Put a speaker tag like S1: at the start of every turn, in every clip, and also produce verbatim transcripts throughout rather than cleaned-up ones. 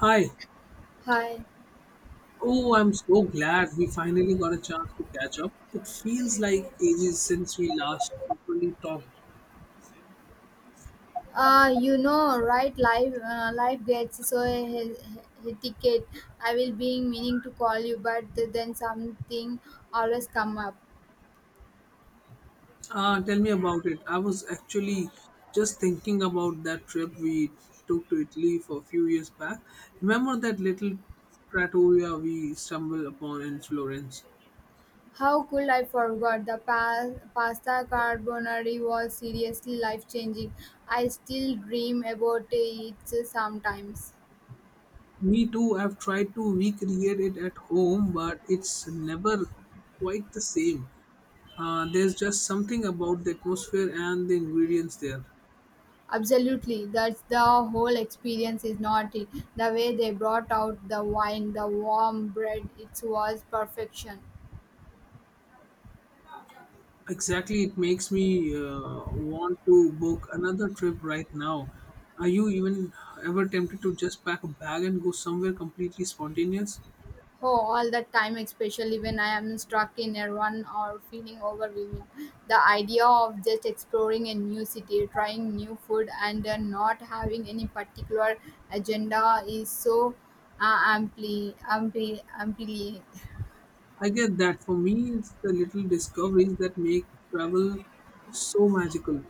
S1: Hi.
S2: Hi.
S1: Oh, I'm so glad we finally got a chance to catch up. It feels like ages since we last properly talked.
S2: Uh, you know, right? Life, uh, life gets so he- he- hectic. I will being meaning to call you, but then something always come up.
S1: Ah, tell me about it. I was actually just thinking about that trip we took to Italy for a few years back. Remember that little trattoria we stumbled upon in Florence?
S2: How could I forgot the pa- pasta carbonara was seriously life changing. I still dream about it sometimes.
S1: Me too. I've tried to recreate it at home, but it's never quite the same. Uh, there's just something about the atmosphere and the ingredients there.
S2: Absolutely, that's the whole experience, is not it? The way they brought out the wine, the warm bread, it was perfection.
S1: Exactly, it makes me uh, want to book another trip right now. Are you even ever tempted to just pack a bag and go somewhere completely spontaneous?
S2: Oh, all the time, especially when I am stuck in a run or feeling overwhelmed. The idea of just exploring a new city, trying new food, and uh, not having any particular agenda is so uh, amply, amply, amply
S1: I get that. For me, it's the little discoveries that make travel so magical.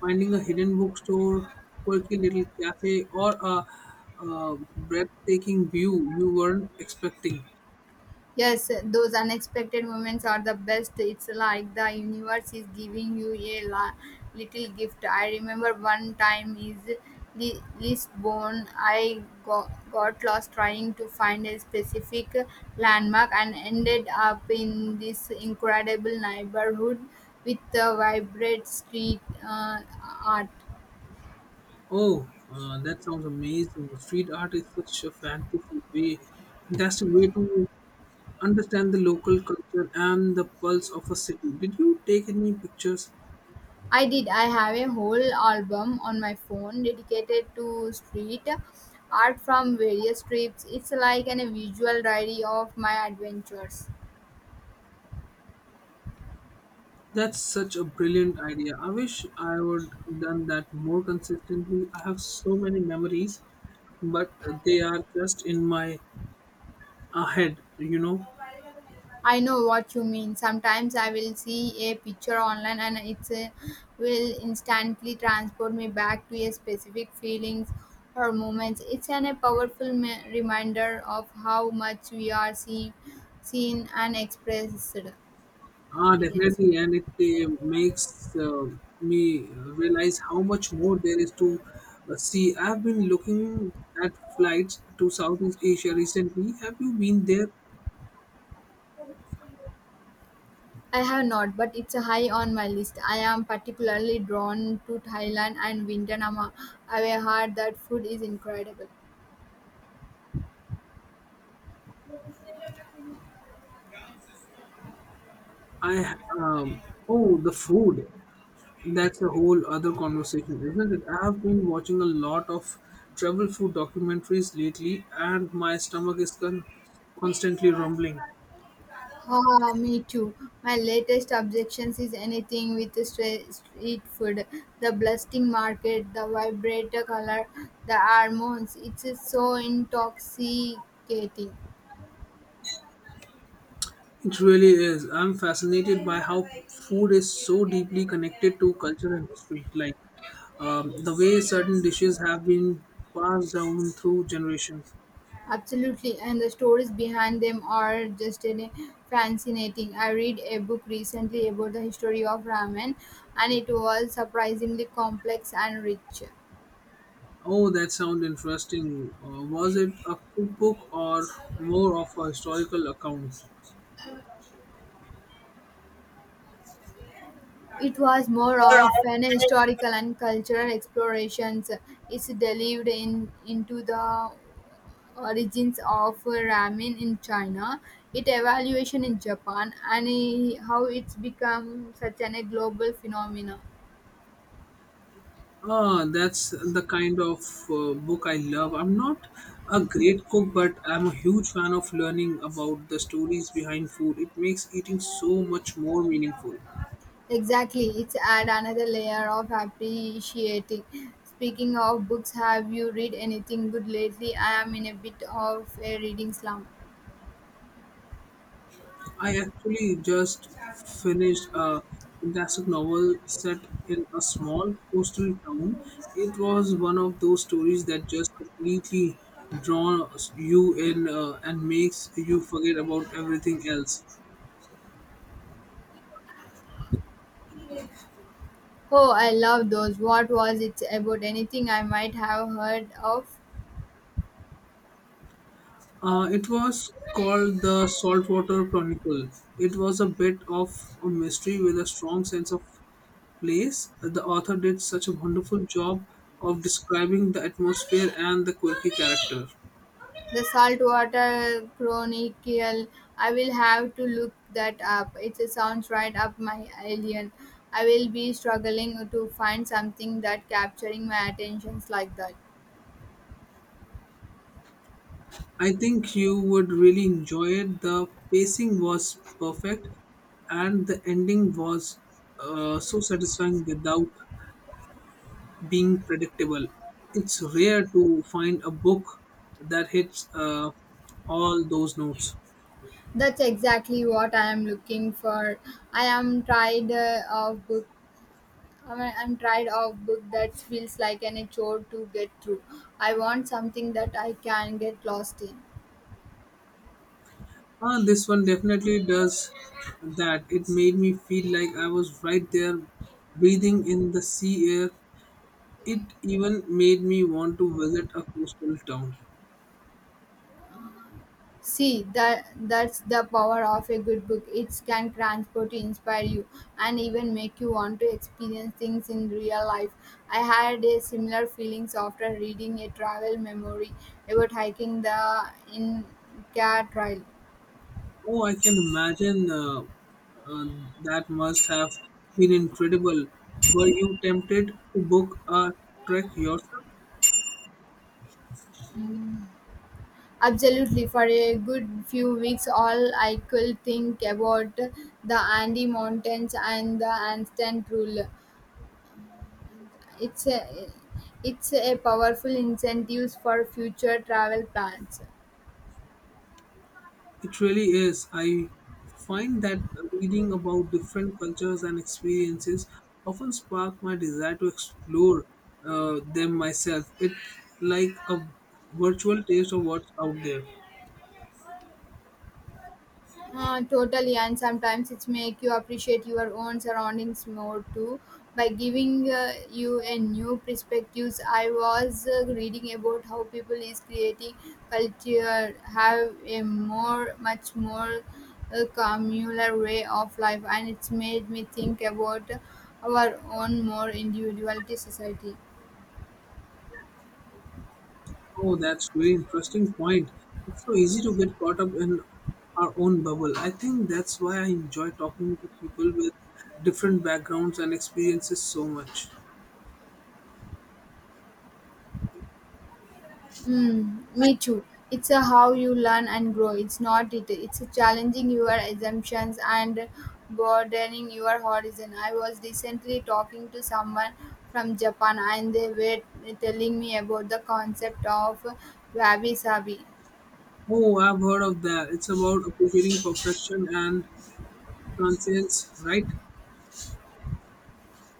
S1: Finding a hidden bookstore, quirky little cafe, or a, uh breathtaking view you weren't expecting.
S2: Yes, those unexpected moments are the best. It's like the universe is giving you a la- little gift. I remember one time is Li- Lisbon. I got, got lost trying to find a specific landmark and ended up in this incredible neighborhood with the vibrant street uh, art.
S1: Oh, uh, that sounds amazing. Street art is such a fantasy way, fantastic way to understand the local culture and the pulse of a city. Did you take any pictures?
S2: I did. I have a whole album on my phone dedicated to street art from various trips. It's like an, a visual diary of my adventures.
S1: That's such a brilliant idea. I wish I would done that more consistently. I have so many memories, but they are just in my uh, head, you know.
S2: I know what you mean. Sometimes I will see a picture online and it a, will instantly transport me back to a specific feelings or moments. It's an, a powerful me- reminder of how much we are seen, seen and expressed
S1: Ah,
S2: experience.
S1: definitely, and it uh, makes uh, me realize how much more there is to uh, see. I've been looking at flights to Southeast Asia recently. Have you been there?
S2: I have not, but it's high on my list. I am particularly drawn to Thailand and Vietnam. I've heard that food is incredible.
S1: I um Oh, the food. That's a whole other conversation, isn't it? I have been watching a lot of travel food documentaries lately, and my stomach is con- constantly rumbling.
S2: Ah, me too. My latest objections is anything with stre- street food. The blasting market, the vibrator color, the hormones. It's so intoxicating.
S1: It really is. I'm fascinated by how food is so deeply connected to culture and history, like um, the way certain dishes have been passed down through generations.
S2: Absolutely, and the stories behind them are just an- fascinating. I read a book recently about the history of ramen, and it was surprisingly complex and rich.
S1: Oh, that sounds interesting. Uh, was it a cookbook or more of a historical account?
S2: It was more of an historical and cultural explorations. It's delved in into the origins of ramen in China, its evaluation in Japan, and eh, how it's become such an, a global phenomenon.
S1: Ah, that's the kind of uh, book I love. I'm not a great cook, but I'm a huge fan of learning about the stories behind food. It makes eating so much more meaningful.
S2: Exactly, it's add another layer of appreciating. Speaking of books, have you read anything good lately? I am in a bit of a reading slump.
S1: I actually just finished a fantastic novel set in a small coastal town. It was one of those stories that just completely draws you in uh, and makes you forget about everything else.
S2: Oh, I love those. What was it about? Anything I might have heard of?
S1: Uh, it was called The Saltwater Chronicle. It was a bit of a mystery with a strong sense of place. The author did such a wonderful job of describing the atmosphere and the quirky character.
S2: The Saltwater Chronicle. I will have to look that up. It sounds right up my alien. I will be struggling to find something that capturing my attentions like that.
S1: I think you would really enjoy it. The pacing was perfect, and the ending was uh, so satisfying without being predictable. It's rare to find a book that hits uh, all those notes.
S2: That's exactly what I am looking for. I am tired uh, of book. I'm I'm tired of book that feels like an a chore to get through. I want something that I can get lost in.
S1: Uh, this one definitely does that. It made me feel like I was right there breathing in the sea air. It even made me want to visit a coastal town.
S2: See that that's the power of a good book. It can transport you, inspire you, and even make you want to experience things in real life. I had a similar feelings after reading a travel memory about hiking the Inca Trail.
S1: Oh, I can imagine uh, uh, that must have been incredible. Were you tempted to book a trek yourself?
S2: Absolutely, for a good few weeks, all I could think about the Andy Mountains and the Anstan Rule. It's a, it's a powerful incentive for future travel plans.
S1: It really is. I find that reading about different cultures and experiences often spark my desire to explore uh, them myself. It's like a virtual taste of what's out there.
S2: Uh, totally, and sometimes it's make you appreciate your own surroundings more too by giving uh, you a new perspectives. I was uh, reading about how people is creating culture have a more much more uh, communal way of life, and it's made me think about our own more individuality society.
S1: Oh, that's very interesting point. It's so easy to get caught up in our own bubble. I think that's why I enjoy talking to people with different backgrounds and experiences so much.
S2: Mm, me too. It's a how you learn and grow. It's not it. It's a challenging your assumptions and broadening your horizon. I was recently talking to someone from Japan and they were telling me about the concept of wabi sabi.
S1: Oh, I've heard of that. It's about appreciating perfection and transience, right? It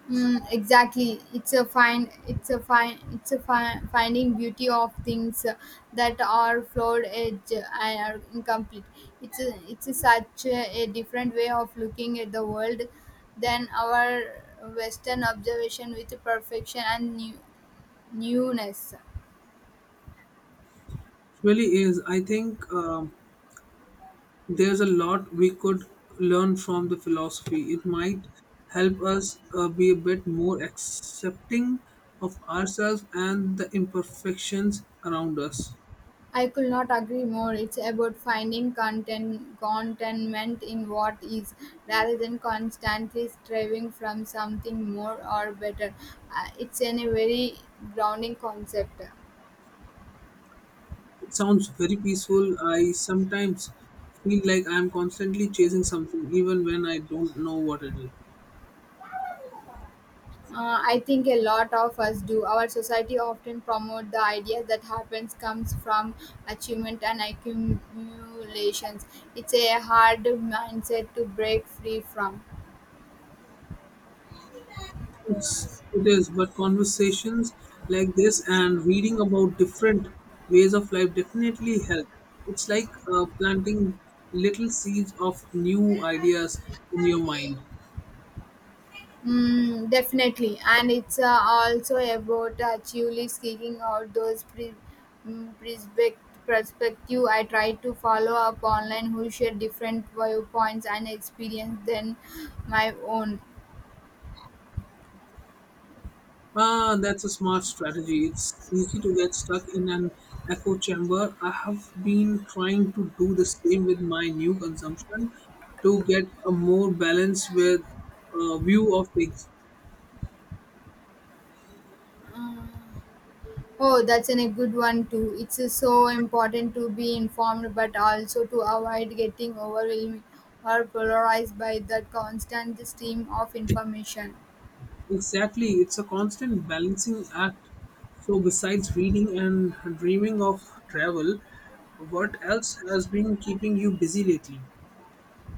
S2: Mm, exactly. It's a fine. It's a fine. It's a fine, finding beauty of things uh, that are flawed edge and are incomplete. It's a, it's a such a, a different way of looking at the world than our Western observation with perfection and new, newness.
S1: really is. I think um, there's a lot we could learn from the philosophy. It might help us uh, be a bit more accepting of ourselves and the imperfections around us.
S2: I could not agree more. It's about finding content, contentment in what is, rather than constantly striving from something more or better. Uh, it's in a very grounding concept.
S1: It sounds very peaceful. I sometimes feel like I'm constantly chasing something, even when I don't know what it is.
S2: Uh, I think a lot of us do. Our society often promote the idea that happens comes from achievement and accumulations. It's a hard mindset to break free from.
S1: It's, it is, but conversations like this and reading about different ways of life definitely help. It's like uh, planting little seeds of new ideas in your mind.
S2: Mm, definitely, and it's uh, also about uh, actually seeking out those pre- mm, perspect- perspective. I try to follow up online who share different viewpoints and experience than my own.
S1: Ah, that's a smart strategy. It's easy to get stuck in an echo chamber. I have been trying to do the same with my new consumption to get a more balanced with uh, view of things.
S2: Oh, that's an, a good one too. It's uh, so important to be informed, but also to avoid getting overwhelmed or polarized by the constant stream of information.
S1: Exactly, it's a constant balancing act. So besides reading and dreaming of travel, what else has been keeping you busy lately?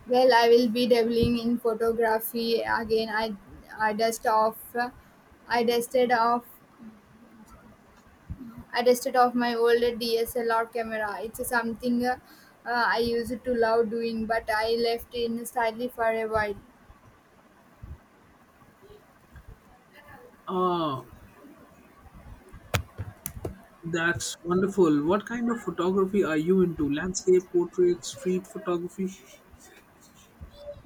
S2: Well, I will be dabbling in photography again. I I dust off, I dusted off, I dusted off my old D S L R camera. It's something uh, uh, I used to love doing, but I left in slightly for a while.
S1: Ah, that's wonderful. What kind of photography are you into? Landscape, portrait, street photography?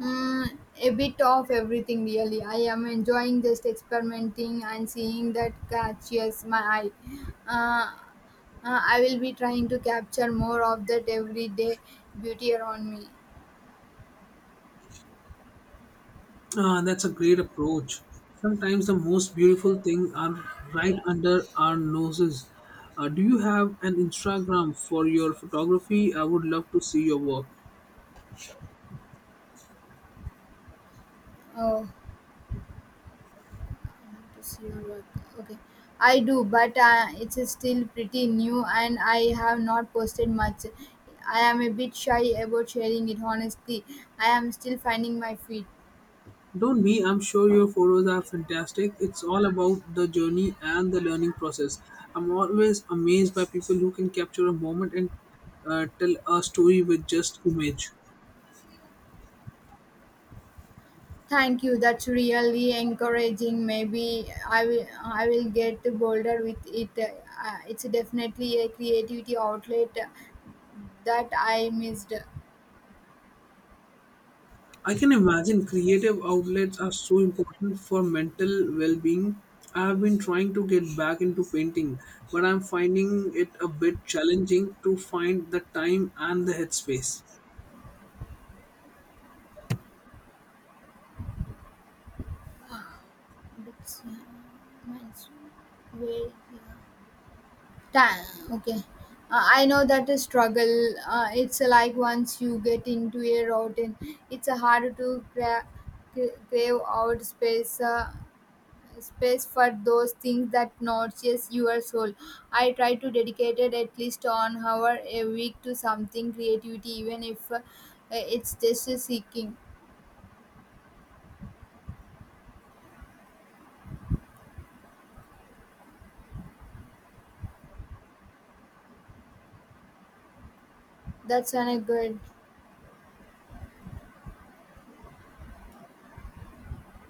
S2: Mm, a bit of everything, really. I am enjoying just experimenting and seeing that catches my eye. Uh, uh, I will be trying to capture more of that everyday beauty around me.
S1: Ah, that's a great approach. Sometimes the most beautiful things are right under our noses. Uh, do you have an Instagram for your photography? I would love to see your work.
S2: Oh. To see your work. Okay, I do, but uh, it's still pretty new and I have not posted much. I am a bit shy about sharing it honestly. I am still finding my feet.
S1: Don't me, I'm sure your photos are fantastic. It's all about the journey and the learning process. I'm always amazed by people who can capture a moment and uh, tell a story with just image.
S2: Thank you. That's really encouraging. Maybe I will I will get bolder with it. Uh, it's definitely a creativity outlet that I missed.
S1: I can imagine creative outlets are so important for mental well being. I have been trying to get back into painting, but I'm finding it a bit challenging to find the time and the headspace.
S2: That's- mine's way Time okay uh, I know that a struggle. Uh, it's like once you get into a routine. It's uh, hard to cra- cra- crave out space uh, space for those things that nourishes your soul. I try to dedicate it at least an hour a week to something creativity even if uh, it's just a seeking. that's an a good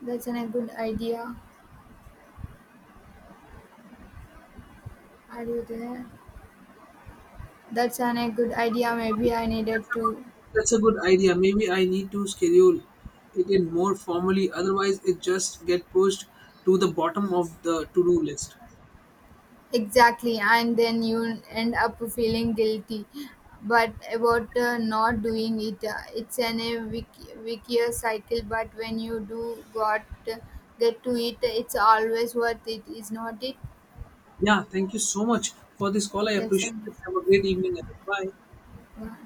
S2: that's an a good idea. Are you there? That's an a good idea. Maybe I needed to.
S1: That's a good idea. Maybe I need to schedule it in more formally, otherwise, it just get pushed to the bottom of the to do list.
S2: Exactly, and then you end up feeling guilty, but about uh, not doing it. Uh, it's an a vic- vicious cycle. But when you do got uh, get to it, it's always worth it, is not it?
S1: Yeah, thank you so much for this call. I
S2: Yes,
S1: appreciate
S2: and
S1: it. Have a great evening. Ahead. Bye.
S2: yeah.